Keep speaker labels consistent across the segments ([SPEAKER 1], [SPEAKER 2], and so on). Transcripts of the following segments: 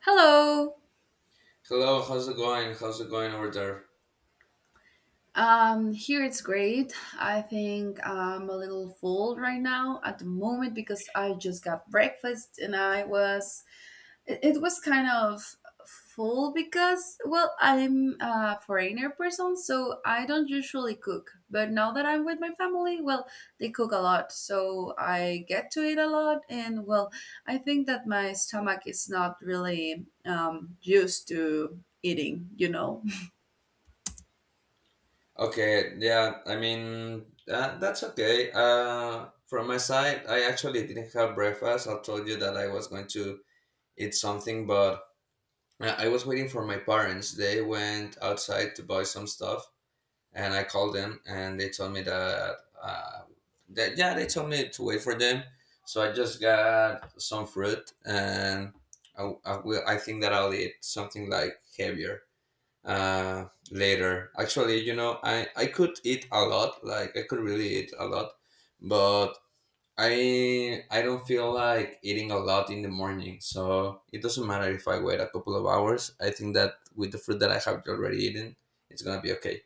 [SPEAKER 1] Hello.
[SPEAKER 2] Hello, how's it going? How's it going over there?
[SPEAKER 1] Here it's great. I think I'm a little full right now at the moment because I just got breakfast and it was kind of full because, well, I'm a foreigner person, so I don't usually cook. But now that I'm with my family, well, they cook a lot, so I get to eat a lot. And, well, I think that my stomach is not really used to eating.
[SPEAKER 2] Okay, yeah, I mean, that's okay. From my side, I actually didn't have breakfast. I told you that I was going to eat something, but I was waiting for my parents. They went outside to buy some stuff, and I called them, and they told me that, uh, yeah, they told me to wait for them. So I just got some fruit, and I will. I think that I'll eat something like heavier later. Actually, I could eat a lot, like I could really eat a lot, but I don't feel like eating a lot in the morning. So it doesn't matter if I wait a couple of hours. I think that with the food that I have already eaten, it's gonna be okay.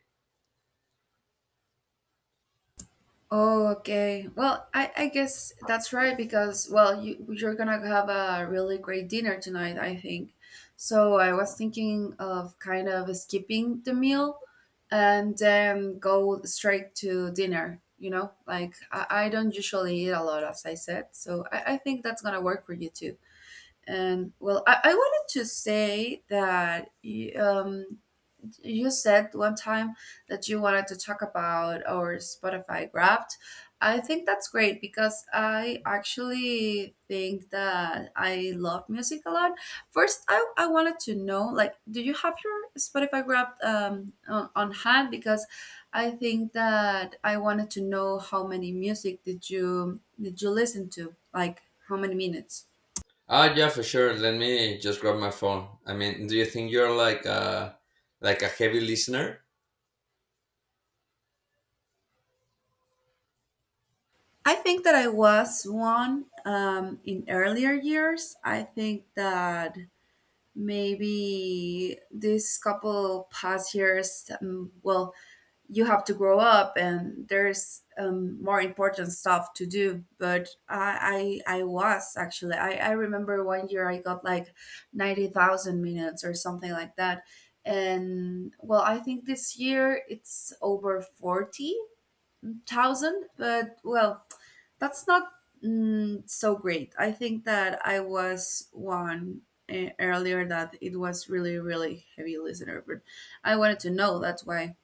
[SPEAKER 1] Oh, okay. Well, I guess that's right because, well, you're gonna have a really great dinner tonight, I think. So I was thinking of kind of skipping the meal and then go straight to dinner, you know? Like, I don't usually eat a lot, as I said. So, I think that's gonna work for you too. And, well, I wanted to say that you said one time that you wanted to talk about our Spotify Wrapped. I think that's great because I actually think that I love music a lot. First, I wanted to know, like, do you have your Spotify Wrapped on hand? Because I think that I wanted to know how many music did you listen to? Like, how many minutes?
[SPEAKER 2] Ah, yeah, for sure. Let me just grab my phone. I mean, do you think you're like a heavy listener?
[SPEAKER 1] I think that I was one in earlier years. I think that maybe this couple past years, well, you have to grow up and there's, more important stuff to do, but I remember one year I got like 90,000 minutes or something like that. And, well, I think this year it's over 40,000, but, well, that's not so great. I think that I was one earlier, that it was really, really heavy listener, but I wanted to know. That's why.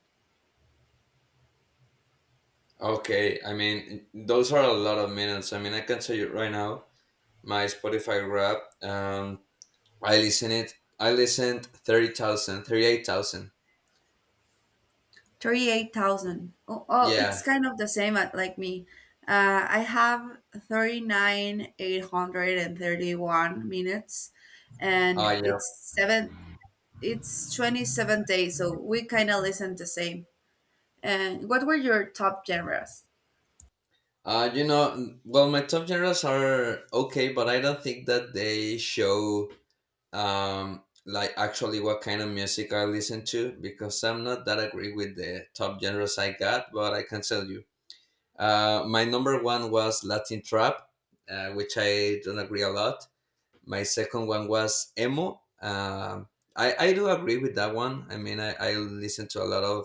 [SPEAKER 2] Okay, I mean, those are a lot of minutes. I mean, I can tell you right now, my Spotify rap. I listen it. I listened 30,000, 38,000.
[SPEAKER 1] 38,000. Oh, it's
[SPEAKER 2] Yeah.
[SPEAKER 1] kind of the same at, like, me. I have 39,831 minutes,
[SPEAKER 2] Oh,
[SPEAKER 1] and
[SPEAKER 2] yeah.
[SPEAKER 1] it's seven. It's 27 days, so we kind of listen the same. And what were your top genres?
[SPEAKER 2] Uh, you know, well, my top genres are okay, but I don't think that they show like actually what kind of music I listen to because I'm not that agree with the top genres I got, but I can tell you. My number one was Latin trap, which I don't agree a lot. My second one was emo. I do agree with that one. I mean, I listen to a lot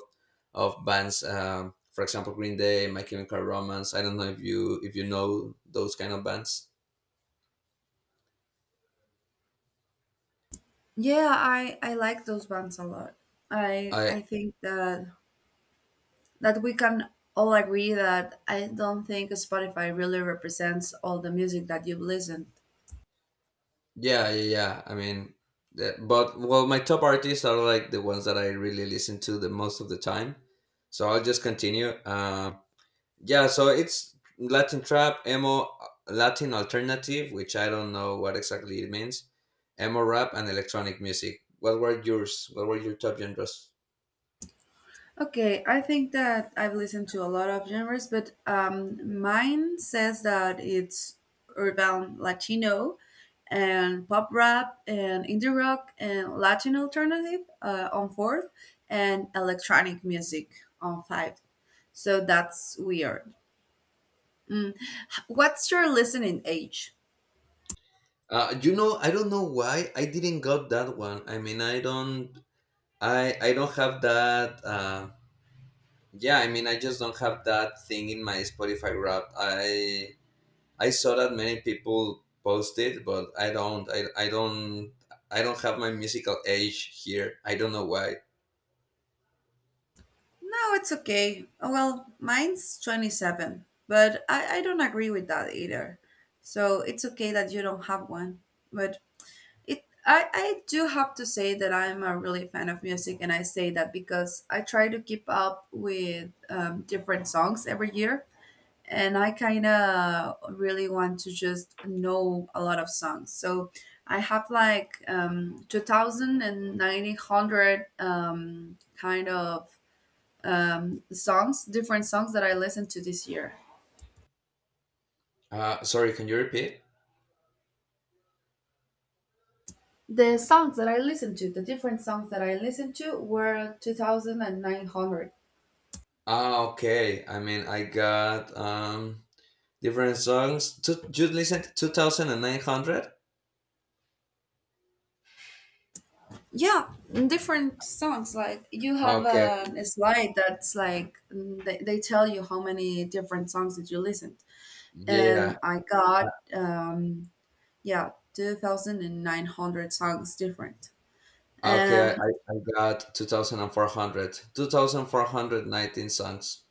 [SPEAKER 2] of bands. For example, Green Day, My Chemical Romance. I don't know if you know those kind of bands.
[SPEAKER 1] Yeah, I like those bands a lot. I
[SPEAKER 2] I
[SPEAKER 1] I think that we can all agree that I don't think Spotify really represents all the music that you've listened.
[SPEAKER 2] Yeah, yeah, yeah. I mean, but well, my top artists are like the ones that I really listen to the most of the time. So I'll just continue. Yeah, so it's Latin trap, emo, Latin alternative, which I don't know what exactly it means, emo rap, and electronic music. What were yours? What were your top genres?
[SPEAKER 1] Okay, I think that I've listened to a lot of genres, but, mine says that it's urban Latino and pop rap and indie rock and Latin alternative on fourth, and electronic music on five. So that's weird. Mm. What's your listening age?
[SPEAKER 2] I don't know why I didn't got that one. I mean, I don't have that. Yeah, I mean, I just don't have that thing in my Spotify rap. I saw that many people post it, but I don't have my musical age here. I don't know why.
[SPEAKER 1] No, it's okay. Oh, well, mine's 27, but I don't agree with that either. So it's okay that you don't have one. But I do have to say that I'm a really fan of music, and I say that because I try to keep up with, different songs every year, and I kind of really want to just know a lot of songs. So I have, like, 2000, kind of, songs, different songs that I listened to this year.
[SPEAKER 2] Sorry, can you repeat?
[SPEAKER 1] The songs that I listened to, the different songs that I listened to, were 2,900.
[SPEAKER 2] Okay. I mean, I got different songs. You listened 2,900.
[SPEAKER 1] Yeah, different songs. Like, you have
[SPEAKER 2] Okay. Okay.
[SPEAKER 1] a slide that's like, they tell you how many different songs that you listen, and
[SPEAKER 2] Yeah.
[SPEAKER 1] I got yeah, 2,900 songs different.
[SPEAKER 2] Okay. I,
[SPEAKER 1] Um,
[SPEAKER 2] I I got two thousand and four hundred. 2,419 songs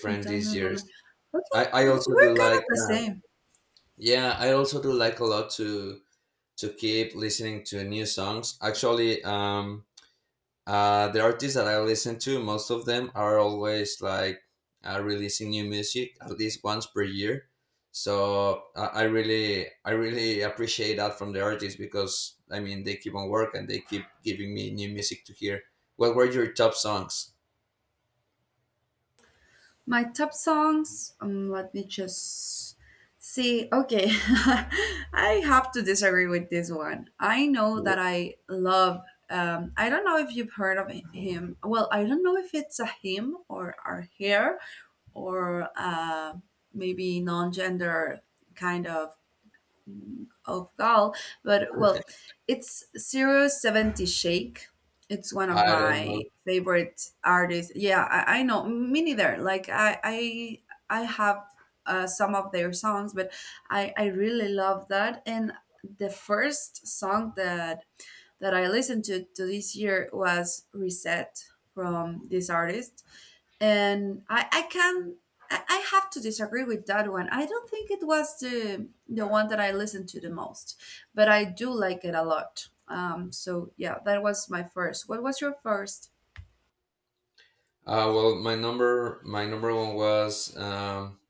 [SPEAKER 1] two
[SPEAKER 2] these
[SPEAKER 1] thousand
[SPEAKER 2] years.
[SPEAKER 1] one. Okay,
[SPEAKER 2] I also do
[SPEAKER 1] we're kind
[SPEAKER 2] like
[SPEAKER 1] of the same.
[SPEAKER 2] yeah. I also do like a lot to keep listening to new songs. Actually, the artists that I listen to, most of them are always releasing new music at least once per year. So I really appreciate that from the artists because I mean they keep on work and they keep giving me new music to hear. What were your top songs?
[SPEAKER 1] My top songs. Let me just see. Okay, I have to disagree with this one. I know that I love. I don't know if you've heard of him. Well, I don't know if it's a him or a her, or maybe non-gender kind of Gal, but, well, it's 070 Shake. It's one of
[SPEAKER 2] I don't know.
[SPEAKER 1] my favorite artists. Yeah, I know. Me neither. Like, I have some of their songs, but I really love that. And the first song that I listened to this year was Reset from this artist, and I can I have to disagree with that one. I don't think it was the one that I listened to the most, but I do like it a lot. So yeah, that was my first. What was your first?
[SPEAKER 2] Well, my number one was.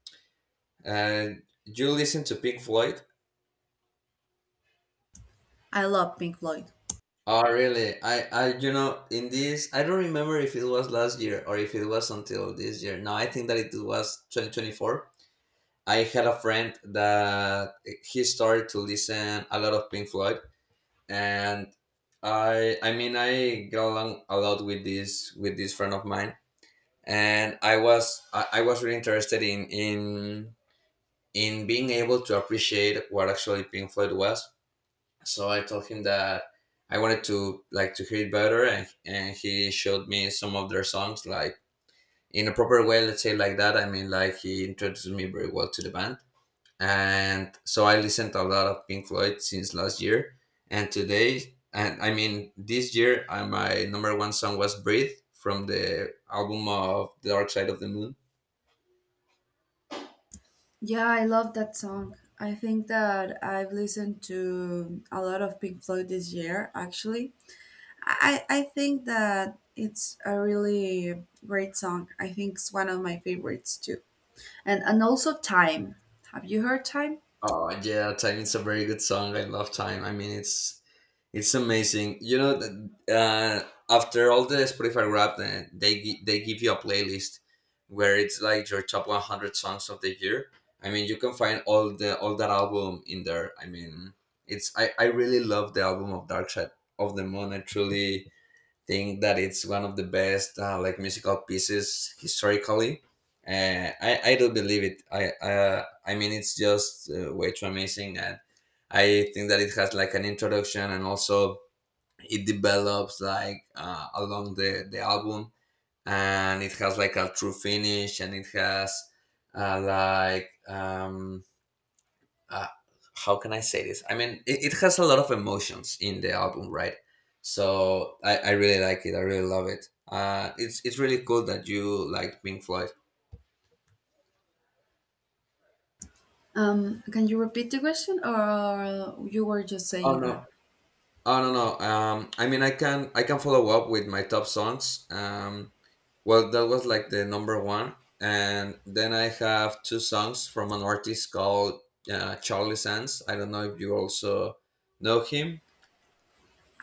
[SPEAKER 2] uh, you listen to Pink Floyd?
[SPEAKER 1] I love Pink Floyd.
[SPEAKER 2] Oh, really? In this, I don't remember if it was last year or if it was until this year. No, I think that it was 2024. I had a friend that he started to listen a lot of Pink Floyd, and I mean, I got along a lot with this friend of mine, and I was really interested in being able to appreciate what actually Pink Floyd was. So I told him that I wanted to like to hear it better, and he showed me some of their songs like in a proper way, let's say like that. I mean, like he introduced me very well to the band, and so I listened to a lot of Pink Floyd since last year and today. And I mean this year, my number one song was Breathe, from the album of The Dark Side of the Moon.
[SPEAKER 1] Yeah, I love that song. I think that I've listened to a lot of Pink Floyd this year, actually. I think that it's a really great song. I think it's one of my favorites too. And also Time. Have you heard Time?
[SPEAKER 2] Oh yeah, Time is a very good song. I love Time. I mean, it's amazing. You know, uh, after all the Spotify Wrapped, they they give you a playlist where it's like your top 100 songs of the year. I mean, you can find all that album in there. I mean, it's I really love the album of Dark Side of the Moon. I truly think that it's one of the best, like, musical pieces historically. I do believe it. I mean it's just, way too amazing, and I think that it has like an introduction, and also it develops, like along the album, and it has like a true finish, and it has like uh, how can I say this? I mean, it has a lot of emotions in the album, right? So I really like it. I really love it. It's really cool that you like Pink Floyd.
[SPEAKER 1] Can you repeat the question, or you were just
[SPEAKER 2] Oh
[SPEAKER 1] saying that?
[SPEAKER 2] no, oh no, no. I mean, I can follow up with my top songs. Well, that was like the number one, and then I have two songs from an artist called, Charlie Sands. I don't know if you also know him.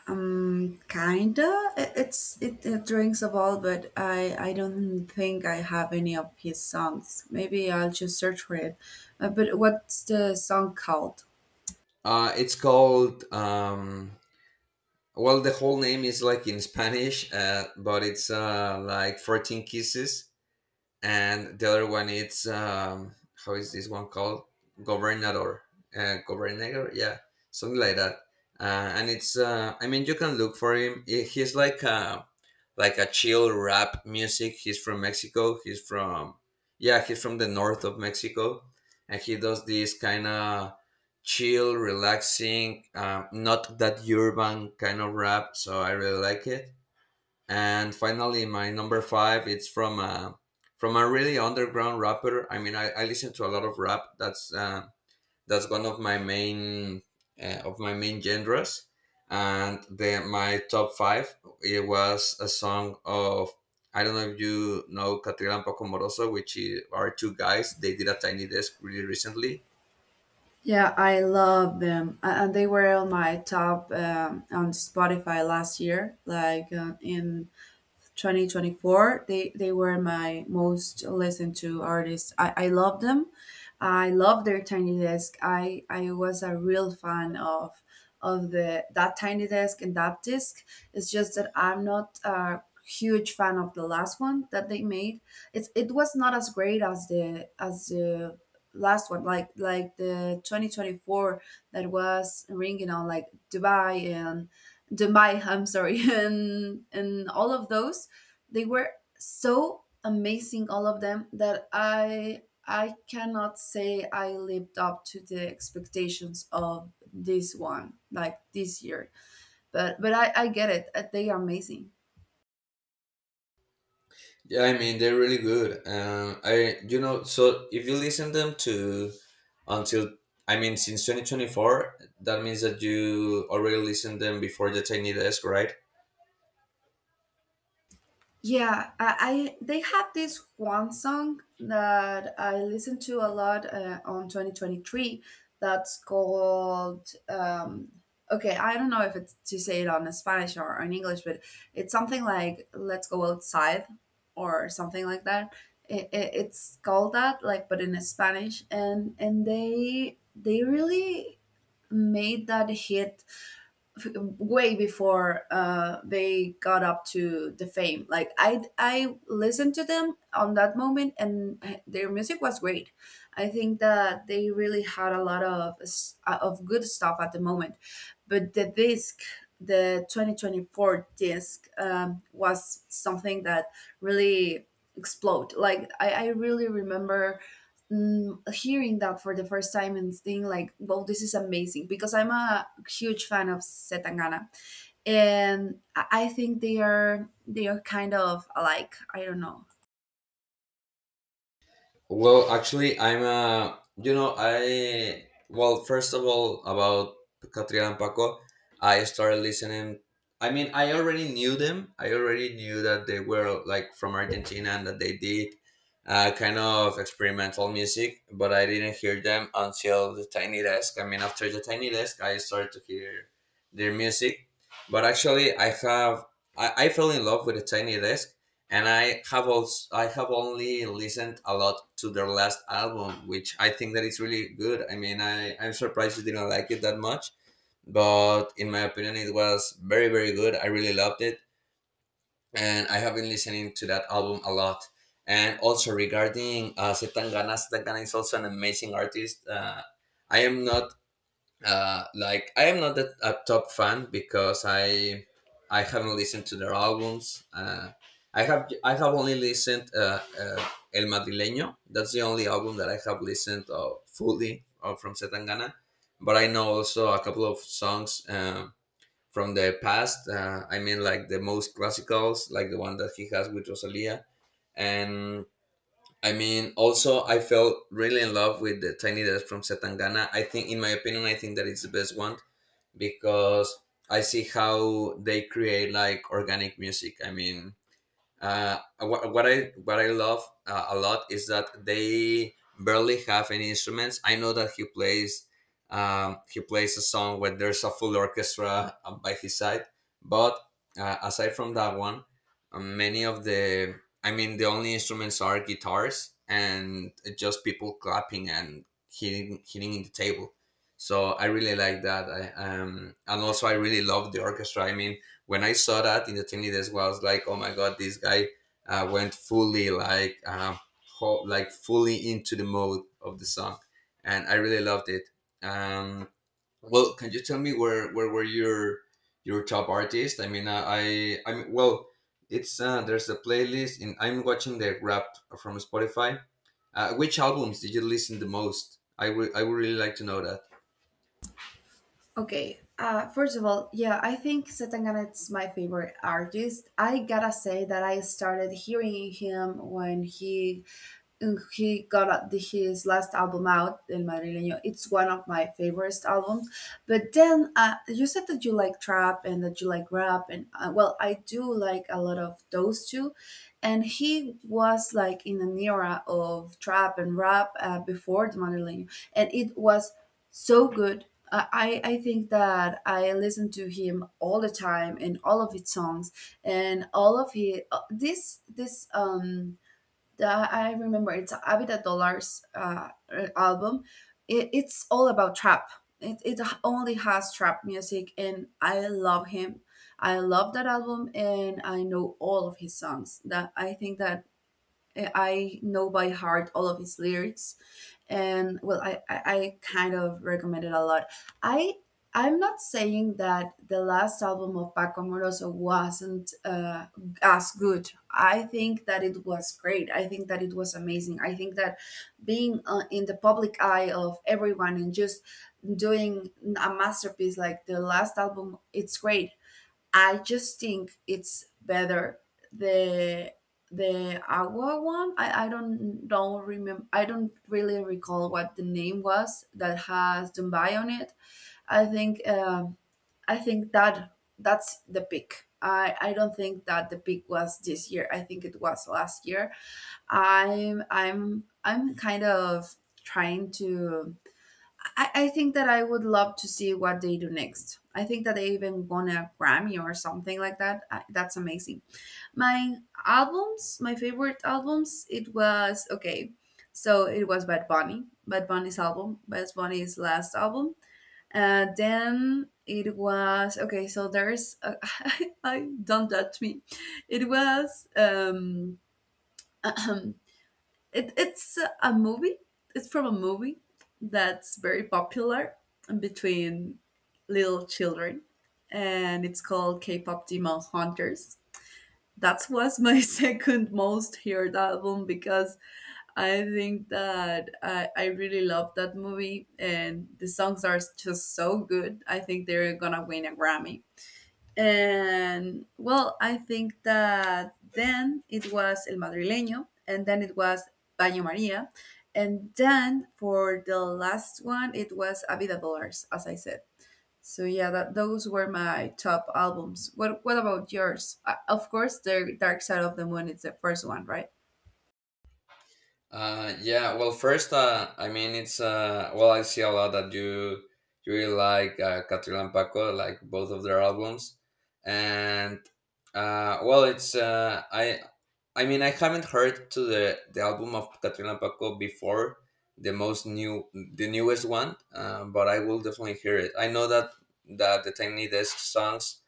[SPEAKER 1] Kinda. It rings a bell, but I don't think I have any of his songs. Maybe I'll just search for it. But what's the song called?
[SPEAKER 2] It's called, well, the whole name is like in Spanish, but it's like 14 kisses, and the other one it's, how is this one called, Governador, Governador, yeah, something like that, uh, and it's, I mean, you can look for him. He's like a chill rap music. He's from Mexico. He's from, yeah, he's from the north of Mexico, and he does this kind of chill, relaxing, not that urban kind of rap. So I really like it. And finally, my number five, it's from a really underground rapper. I mean, I listen to a lot of rap. That's one of my main, of my main genres. And the my top five, it was a song of. I don't know if you know Catriel and Paco Moroso, which are two guys. They did a Tiny Desk really recently.
[SPEAKER 1] Yeah, I love them, and they were on my top, on Spotify last year, like, in 2024. They were my most listened to artists. I love them. I love their tiny desk. I was a real fan of the that tiny desk and that disc. It's just that I'm not a huge fan of the last one that they made. It was not as great as the last one, like the 2024 that was ringing on, like, Dubai and Dubai, I'm sorry, and all of those. They were so amazing, all of them, that I cannot say I lived up to the expectations of this one, like, this year. But I get it. They are amazing.
[SPEAKER 2] Yeah, I mean they're really good. I, so if you listen them to, until I mean since 2024, that means that you already listened them before the Tiny Desk, right?
[SPEAKER 1] Yeah, I they have this one song that I listened to a lot on 2023 that's called, okay, I don't know if it's to say it on Spanish or on English, but it's something like Let's Go Outside or something like that. It's called that, like, but in Spanish, and they really made that hit f- way before, they got up to the fame. Like, I listened to them on that moment, and their music was great. I think that they really had a lot of good stuff at the moment, but the disc. The 2024 disc, was something that really explode. Like, I really remember hearing that for the first time and being like, "Wow, this is amazing!" Because I'm a huge fan of Setangana, and I think they are kind of alike. I don't know.
[SPEAKER 2] Well, actually, I'm you know, I well, first of all, about Catriel and Paco, I started listening. I mean, I already knew them. I already knew that they were like from Argentina and that they did, kind of experimental music, but I didn't hear them until the Tiny Desk. I mean, after the Tiny Desk, I started to hear their music. But actually, I fell in love with the Tiny Desk, and I have only listened a lot to their last album, which I think that it's really good. I mean, I'm surprised you didn't like it that much, but in my opinion, it was very very good. I really loved it, and I have been listening to that album a lot. And also, regarding Setangana, Setangana is also an amazing artist. I am not, I am not that a top fan because I haven't listened to their albums. I have only listened, El Madrileño. That's the only album that I have listened, fully, from Setangana. But I know also a couple of songs, from the past. I mean, like the most classicals, like the one that he has with Rosalia. And I mean, also, I felt really in love with the Tiny Desk from Setangana. I think, in my opinion, I think that it's the best one, because I see how they create like organic music. I mean, what I love, a lot, is that they barely have any instruments. I know that he plays a song where there's a full orchestra, by his side, but, aside from that one, many of the I mean the only instruments are guitars and just people clapping and hitting in the table. So I really like that. I And also, I really love the orchestra. I mean, when I saw that in the team leaders, well, I was like, oh my god, this guy, went fully like, like fully into the mode of the song, and I really loved it. Um, well, can you tell me where were your top artists? I mean, it's there's a playlist, and I'm watching the rap from Spotify. Which albums did you listen the most? I would really like to know.
[SPEAKER 1] Okay. First of all, yeah, I think Setangana is my favorite artist. I gotta say that I started hearing him when he got his last album out, El Madrileño. It's one of my favorite albums. But then, you said that you like trap and that you like rap, and, well, I do like a lot of those two. And he was like in an era of trap and rap, before the Madrileño, and it was so good. I think that I listen to him all the time, in all of his songs and all of his this this that I remember it's Avida Dollars album. It's all about trap. It only has trap music, and I love him. I love that album, and I know all of his songs. That I think that, eh, I know by heart all of his lyrics. And, well, I kind of recommend it a lot. I I'm not saying that the last album of paco amoroso wasn't, as good. I think that it was great. I think that it was amazing. I think that being, in the public eye of everyone, and just doing a masterpiece like the last album, it's great. I just think it's better, the the agua one. I don't remember. I don't really recall what the name was that has Dubai on it. I think, I think that that's the peak. I don't think that the peak was this year. I think it was last year. I'm kind of trying to. I think that I would love to see what they do next. I think that they even won a Grammy or something like that. That's amazing. My albums, my favorite albums, it was okay. So it was Bad Bunny, Bad Bunny's album, Bad Bunny's last album. Then it was okay. So there's, I I don't touch me. It was it's a movie. It's from a movie that's very popular between little children, and it's called K-pop Demon Hunters. That was my second most heard album, because I think that I really love that movie, and the songs are just so good. I think they're gonna win a Grammy. And, well, I think that then it was El Madrileño, and then it was Baño Maria, and then for the last one, it was A Vida Dollars, as I said. So yeah, that those were my top albums. What about yours? Of course, the Dark Side of the Moon is the first one, right?
[SPEAKER 2] Yeah. Well, first, it's I see a lot that you really like Catril and Paco, like both of their albums, and uh, well, it's uh, I, I mean, I haven't heard to the album of Catril and Paco before the most new the newest one, but I will definitely hear it. I know that the Tiny Desk songs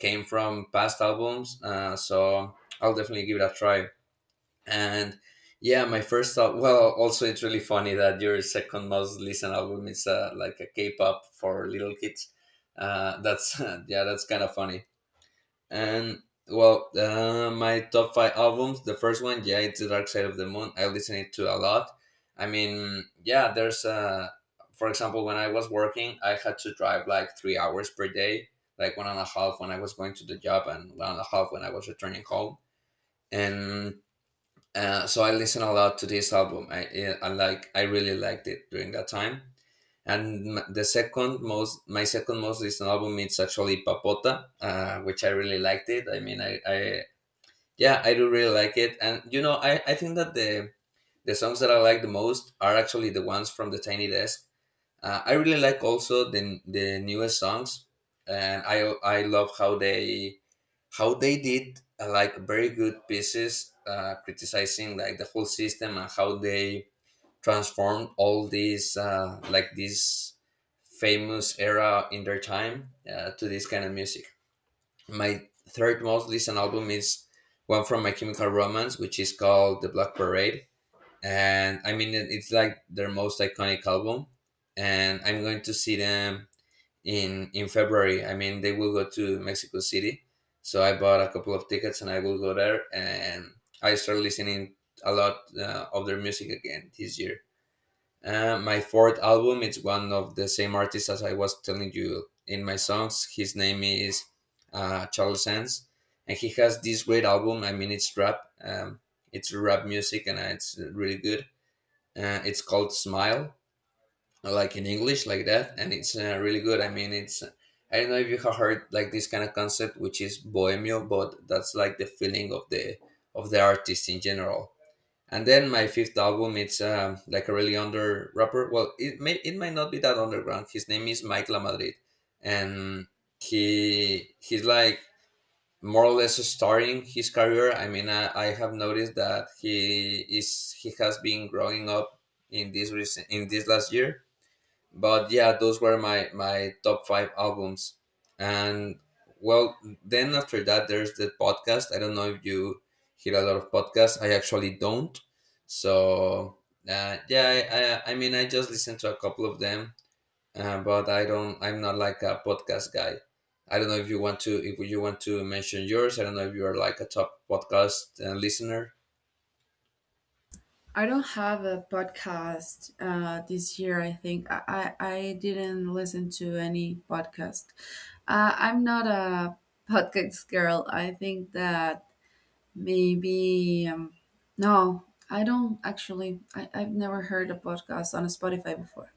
[SPEAKER 2] came from past albums, so I'll definitely give it a try. And yeah, my first thought. Well, also it's really funny that your second most listened album is like a K-pop for little kids. That's yeah, that's kind of funny. And well, my top five albums. The first one, yeah, it's The Dark Side of the Moon. I listen it to a lot. I mean, yeah, there's for example, when I was working, I had to drive like 3 hours per day, like 1.5 when I was going to the job and 1.5 when I was returning home. And so I listened a lot to this album. I like I really liked it during that time. And the second most, my second most listened album is actually Papota, which I really liked it. I mean, I yeah, I do really like it. And you know, I think that the songs that I like the most are actually the ones from the Tiny Desk. I really like also the newest songs, and I love how they did like very good pieces criticizing like the whole system and how they transformed all these like this famous era in their time to this kind of music. My third most listened album is one from My Chemical Romance, which is called The Black Parade. And I mean, it's like their most iconic album, and I'm going to see them in February. I mean, they will go to Mexico City, so I bought a couple of tickets and I will go there. And I started listening a lot of their music again this year. My fourth album, it's one of the same artist as I was telling you in my songs. His name is Charles Sands, and he has this great album. I mean, it's rap. It's rap music, and it's really good. It's called Smile, like in English like that, and it's really good. I mean, it's I don't know if you have heard like this kind of concept, which is bohemio, but that's like the feeling of the artist in general. And then my fifth album, it's like a really under rapper. Well, it may it might not be that underground. His name is Mike Lamadrid, and he's like more or less starting his career. I mean, I have noticed that he has been growing up in this last year. But yeah, those were my top five albums. And well, then after that there's the podcast. I don't know if you hear a lot of podcasts. I actually don't. So yeah, I just listen to a couple of them, but I'm not like a podcast guy. I don't know if you want to mention yours. I don't know if you are like a top podcast listener.
[SPEAKER 1] I don't have a podcast this year. I think I didn't listen to any podcast. I'm not a podcast girl. I think that maybe, no, I don't actually. I've never heard a podcast on Spotify before.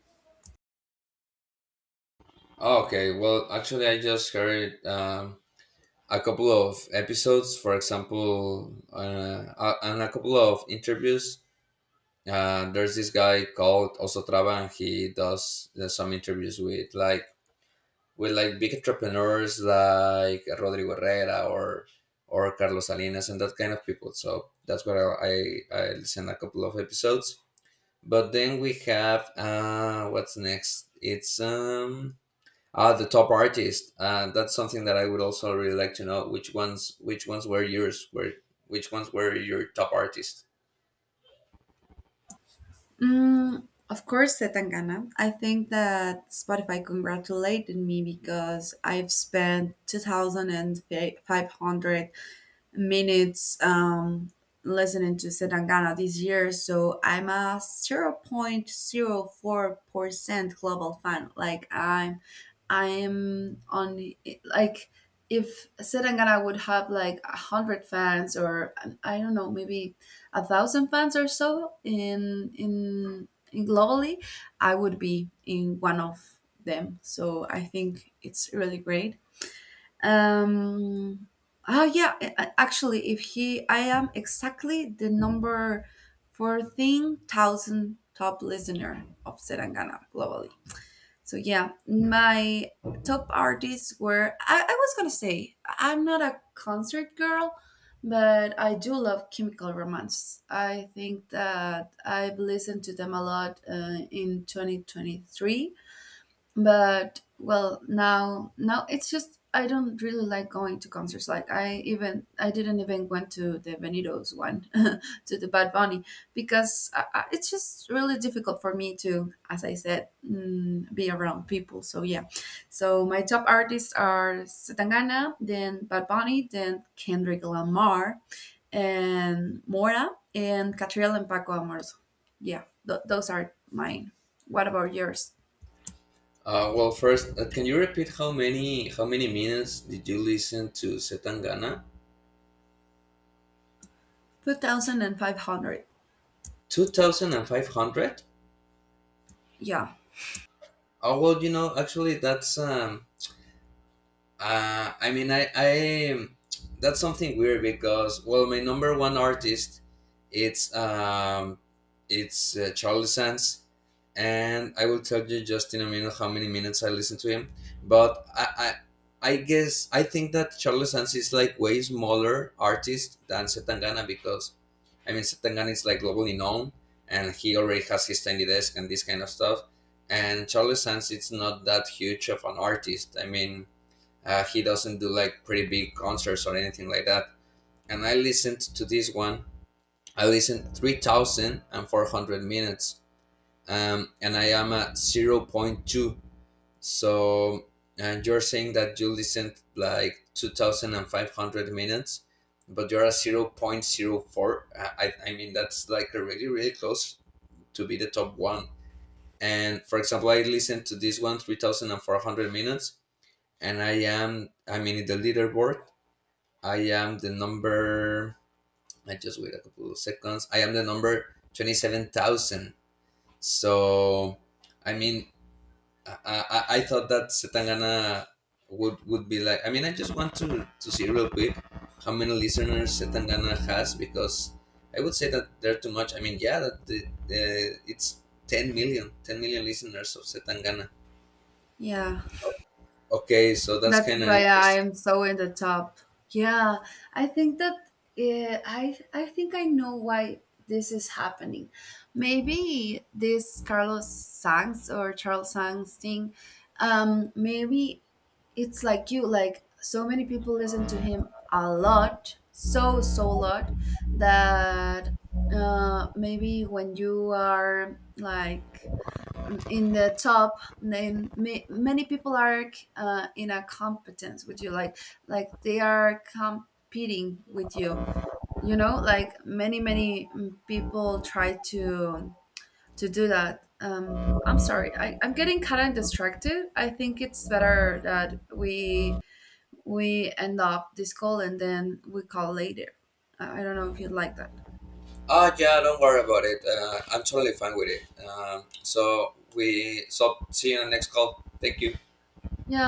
[SPEAKER 2] Okay, well, actually I just heard a couple of episodes, for example, and a couple of interviews. There's this guy called Osotrava, and he does some interviews with like big entrepreneurs like Rodrigo Herrera or Carlos Salinas and that kind of people. So that's where I listen a couple of episodes. But then we have what's next? It's Ah, the top artist. That's something that I would also really like to know. Which ones? Which ones were yours? Were which ones were your top artists?
[SPEAKER 1] Of course, Setangana. I think that Spotify congratulated me because I've spent 2,500 minutes, listening to Setangana this year, so I'm a 0.04% global fan. Like, I'm on like, if Setangana would have like 100 fans, or, I don't know, maybe 1,000 fans or so in globally, I would be in one of them. So I think it's really great. Um, oh yeah, actually, if he, I am exactly the number 14,000 top listener of Serangana globally. So yeah, my top artists were. I was gonna say I'm not a concert girl, but I do love Chemical Romance. I think that I've listened to them a lot, in 2023, but, well, now it's just I don't really like going to concerts. Like, I didn't even went to the Venidos one, to the bad bunny, because it's just really difficult for me to, as I said, be around people. So yeah, so my top artists are Setangana, then bad bunny, then kendrick lamar, and mora, and catriel and paco amoroso. Yeah, those are mine. What about yours?
[SPEAKER 2] Well, first, can you repeat how many minutes did you listen to Setangana?
[SPEAKER 1] 2,500.
[SPEAKER 2] Two thousand and five hundred.
[SPEAKER 1] Yeah,
[SPEAKER 2] Oh well, you know, actually, that's I mean, I that's something weird because well, my number one artist, it's um, it's Charles Sands, and I will tell you just in a minute how many minutes I listen to him. But I think that Charles Sands is like way smaller artist than Setangana, because I mean Setangana is like globally known, and he already has his Tiny Desk and this kind of stuff. And Charles Sands, it's not that huge of an artist. I mean he doesn't do like pretty big concerts or anything like that. And I listened to this one. I listened 3,400 minutes, and I am at zero point 0.2. So, and you're saying that you listened like 2,500 minutes, but you're at zero point zero 0.04. I mean, that's like really, really close to be the top one. And for example, I listened to this one 3,400 minutes, and I am, I mean, in the leaderboard I am the number. I just wait a couple of seconds. I am the number 27,000. So, I mean, I thought that Setangana would be like. I mean, I just want to see real quick how many listeners Setangana has, because I would say that they're too much. I mean, yeah, that the, it's ten million listeners of Setangana.
[SPEAKER 1] yeah,
[SPEAKER 2] Okay, so that's
[SPEAKER 1] that's
[SPEAKER 2] kind of
[SPEAKER 1] why I
[SPEAKER 2] interesting.
[SPEAKER 1] am so in the top. Yeah, I think that, I think I know why this is happening. Maybe this Carlos Sangs or Charles Sangs thing. Maybe it's like you. Like, so many people listen to him a lot, so lot, that, maybe when you are, like, in the top, then many people are, in a competence with you, like they are competing with you, you know like, many many people try to do that. I'm sorry, I'm getting kind of distracted. I think it's better that we end up this call and then we call later. I don't know if you'd like that.
[SPEAKER 2] Ah, yeah, don't worry about it. I'm totally fine with it. So see you in the next call. Thank you.
[SPEAKER 1] Yeah